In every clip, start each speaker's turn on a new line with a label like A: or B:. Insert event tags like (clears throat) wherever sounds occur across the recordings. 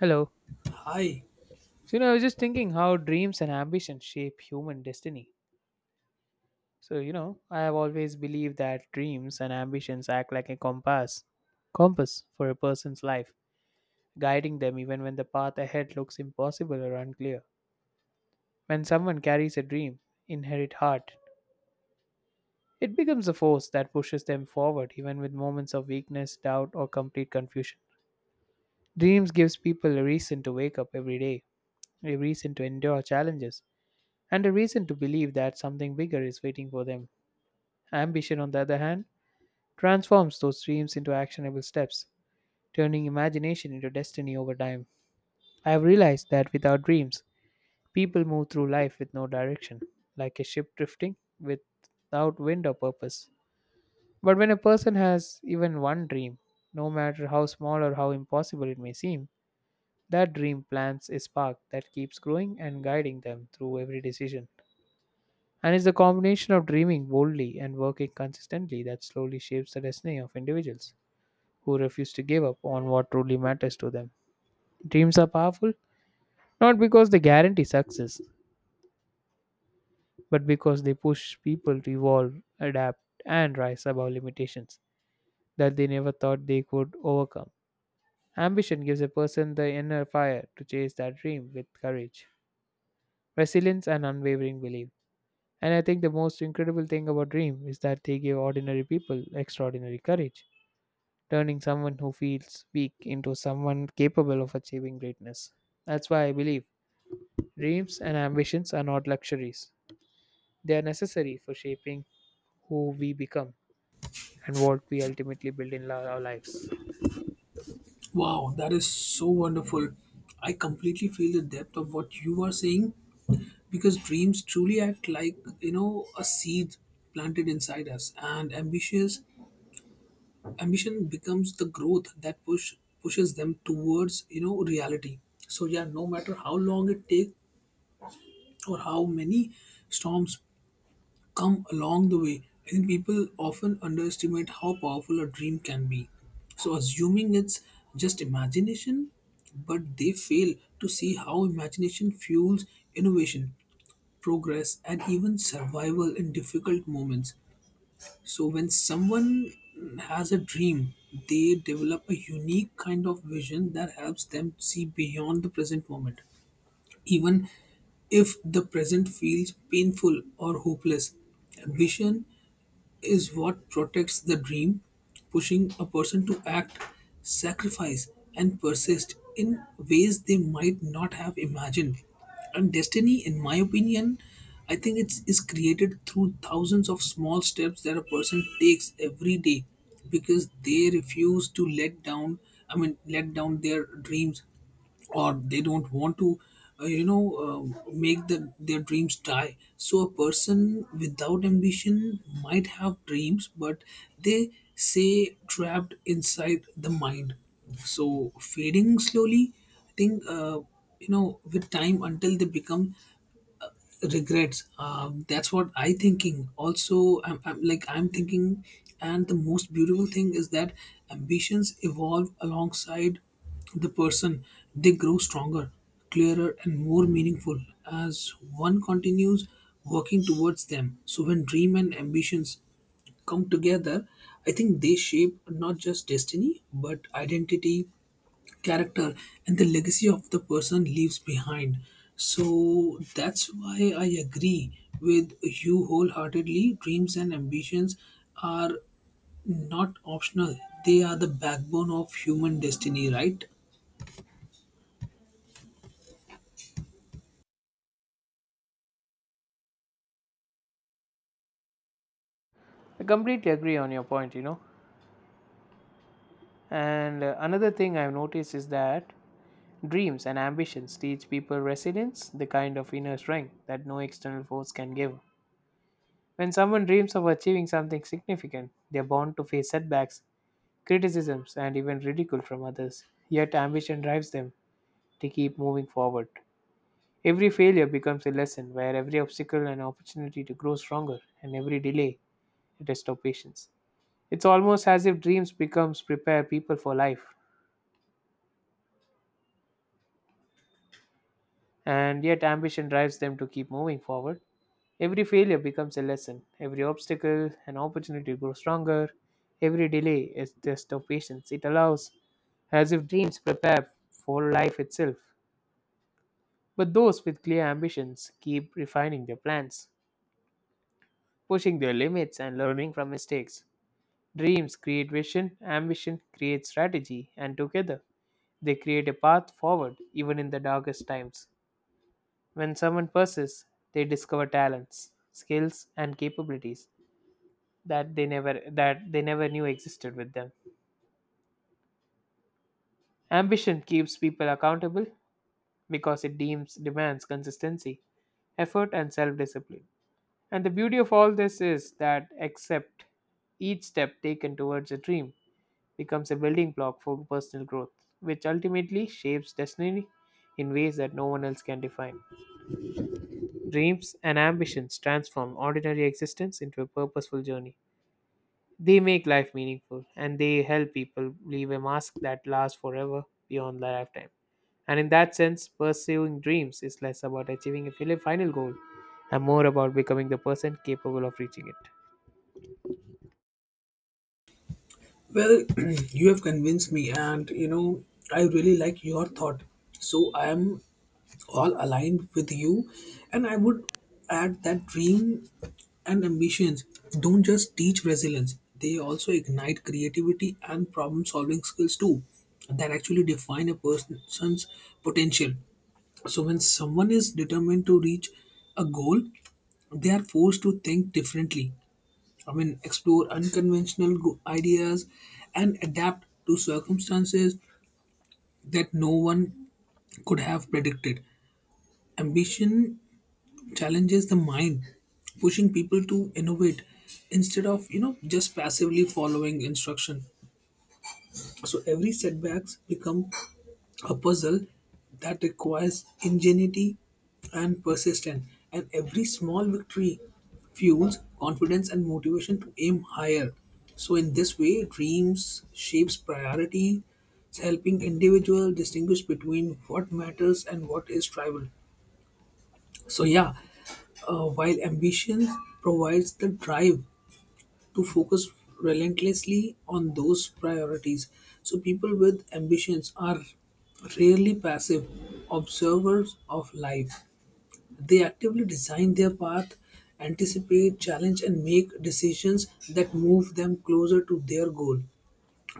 A: Hello.
B: Hi.
A: So, I was just thinking how dreams and ambitions shape human destiny. So, I have always believed that dreams and ambitions act like a compass for a person's life, guiding them even when the path ahead looks impossible or unclear. When someone carries a dream, inherent heart, it becomes a force that pushes them forward even with moments of weakness, doubt, or complete confusion. Dreams gives people a reason to wake up every day, a reason to endure challenges and a reason to believe that something bigger is waiting for them. Ambition, on the other hand, transforms those dreams into actionable steps, turning imagination into destiny over time. I have realized that without dreams, people move through life with no direction, like a ship drifting without wind or purpose. But when a person has even one dream, no matter how small or how impossible it may seem, that dream plants a spark that keeps growing and guiding them through every decision. And it's the combination of dreaming boldly and working consistently that slowly shapes the destiny of individuals who refuse to give up on what truly matters to them. Dreams are powerful not because they guarantee success, but because they push people to evolve, adapt, and rise above limitations that they never thought they could overcome. Ambition gives a person the inner fire to chase that dream with courage, resilience, and unwavering belief. And I think the most incredible thing about dream is that they give ordinary people extraordinary courage turning someone who feels weak into someone capable of achieving greatness. That's why I believe dreams and ambitions are not luxuries, they are necessary for shaping who we become and what we ultimately build in our lives.
B: Wow, that is so wonderful. I completely feel the depth of what you are saying because dreams truly act like, you know, a seed planted inside us, and ambitious ambition becomes the growth that pushes them towards, you know, reality. So yeah, no matter how long it takes or how many storms come along the way. I think people often underestimate how powerful a dream can be. So, assuming it's just imagination, but they fail to see how imagination fuels innovation, progress, and even survival in difficult moments. So, when someone has a dream, they develop a unique kind of vision that helps them see beyond the present moment, even if the present feels painful or hopeless. Ambition is what protects the dream, pushing a person to act, sacrifice, and persist in ways they might not have imagined. And destiny, in my opinion, I think it's is created through thousands of small steps that a person takes every day because they refuse to let down, I mean, let down their dreams, or they don't want to, you know, make their dreams die. So a person without ambition might have dreams, but they say trapped inside the mind, so fading slowly. I think, you know, with time, until they become regrets. That's what I thinking also. I'm like, I'm thinking. And the most beautiful thing is that ambitions evolve alongside the person. They grow stronger, clearer, and more meaningful as one continues working towards them. So when dream and ambitions come together, I think they shape not just destiny, but identity, character, and the legacy of the person leaves behind. So that's why I agree with you wholeheartedly. Dreams and ambitions are not optional, they are the backbone of human destiny, right?
A: I completely agree on your point. And another thing I've noticed is that dreams and ambitions teach people resilience, the kind of inner strength that no external force can give. When someone dreams of achieving something significant, they are bound to face setbacks criticisms, and even ridicule from others. Yet ambition drives them to keep moving forward. Every failure becomes a lesson, where every obstacle an opportunity to grow stronger, and every delay a test of patience. It's almost as if dreams becomes prepare people for life, and yet ambition drives them to keep moving forward. Every failure becomes a lesson, every obstacle an opportunity to grow stronger, every delay is test of patience. It allows as if dreams prepare for life itself. But those with clear ambitions keep refining their plans, pushing their limits, and learning from mistakes. Dreams create vision, ambition creates strategy, and together they create a path forward even in the darkest times. When someone persists, they discover talents, skills, and capabilities that they never knew existed with them. Ambition keeps people accountable because it deems demands consistency, effort, and self-discipline. And the beauty of all this is that, except each step taken towards a dream becomes a building block for personal growth, which ultimately shapes destiny in ways that no one else can define. Dreams and ambitions transform ordinary existence into a purposeful journey. They make life meaningful and they help people leave a mark that lasts forever beyond their lifetime. And in that sense, pursuing dreams is less about achieving a final goal and more about becoming the person capable of reaching it.
B: Well, (clears throat) you have convinced me, and you know, I really like your thought. So I am all aligned with you, and I would add that dream and ambitions don't just teach resilience, they also ignite creativity and problem solving skills too, that actually define a person's potential. So when someone is determined to reach a goal, they are forced to think differently, I mean explore unconventional ideas and adapt to circumstances that no one could have predicted. Ambition challenges the mind, pushing people to innovate instead of, you know, just passively following instruction. So every setbacks become a puzzle that requires ingenuity and persistence, and every small victory fuels confidence and motivation to aim higher. So in this way dreams shapes priority, helping individual distinguish between what matters and what is trivial. So yeah, while ambition provides the drive to focus relentlessly on those priorities. So, people with ambitions are rarely passive observers of life. They actively design their path, anticipate, challenge, and make decisions that move them closer to their goal.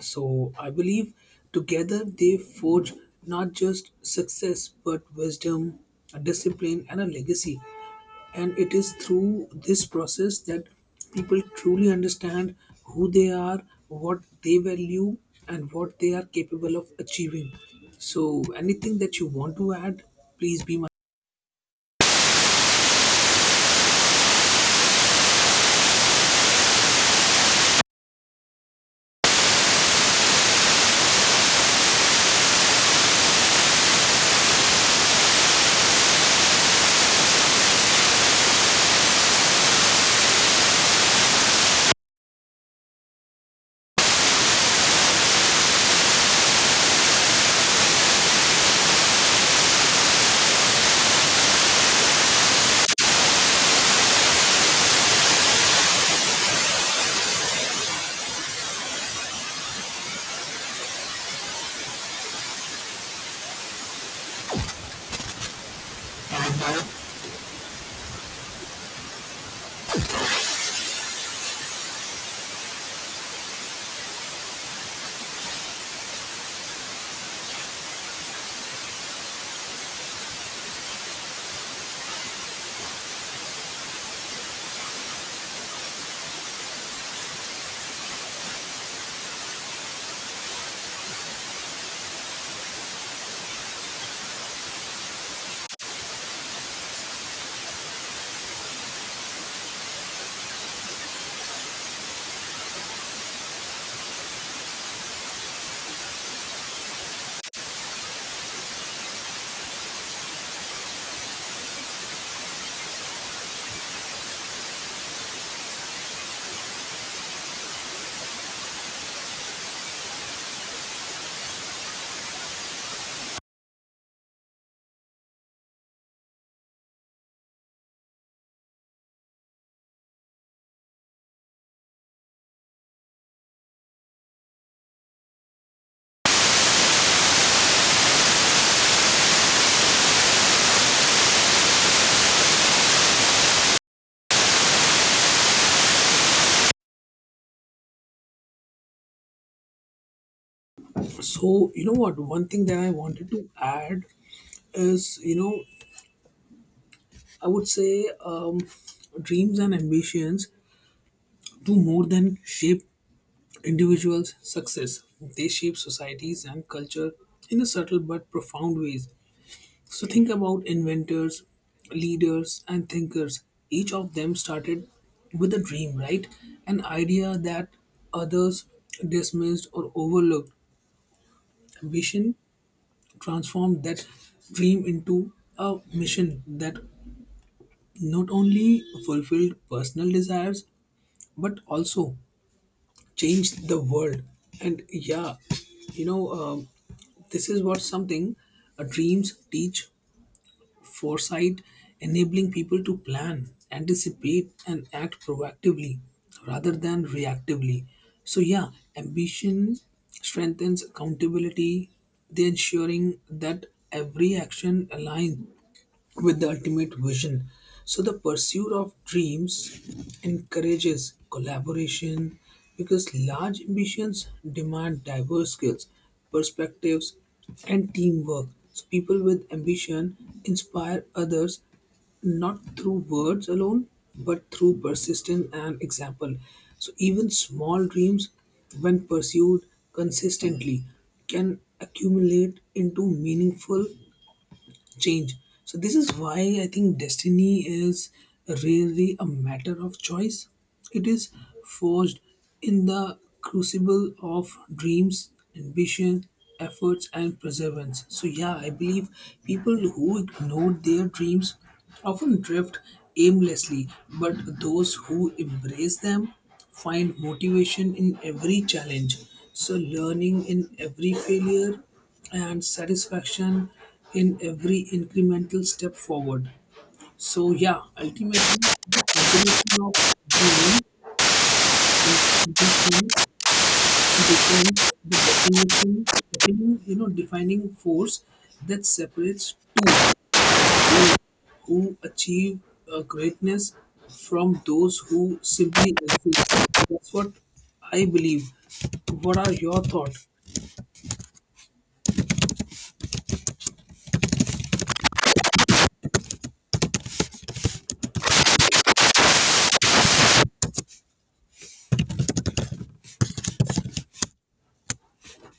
B: So, I believe together they forge not just success but wisdom, a discipline, and a legacy. And it is through this process that people truly understand who they are, what they value, and what they are capable of achieving. So anything that you want to add, please be my. So you know what, one thing that I wanted to add is, you know, I would say, dreams and ambitions do more than shape individuals success, they shape societies and culture in a subtle but profound ways. So think about inventors, leaders, and thinkers. Each of them started with a dream, right? An idea that others dismissed or overlooked. Vision transformed that dream into a mission that not only fulfilled personal desires but also changed the world. And yeah, you know, this is what something, dreams teach foresight, enabling people to plan, anticipate, and act proactively rather than reactively. So, yeah, ambition strengthens accountability, they ensuring that every action aligns with the ultimate vision. So, the pursuit of dreams encourages collaboration because large ambitions demand diverse skills, perspectives, and teamwork. So, people with ambition inspire others not through words alone, but through persistence and example. So, even small dreams, when pursued consistently, can accumulate into meaningful change. So this is why I think destiny is really a matter of choice. It is forged in the crucible of dreams, ambition, efforts, and perseverance. So yeah, I believe people who ignore their dreams often drift aimlessly, but those who embrace them find motivation in every challenge. So learning in every failure and satisfaction in every incremental step forward. So yeah, ultimately the combination of dream and ambition becomes the defining, you know, defining force that separates two those who achieve, greatness from those who simply exist. That's what I believe. What are your thoughts?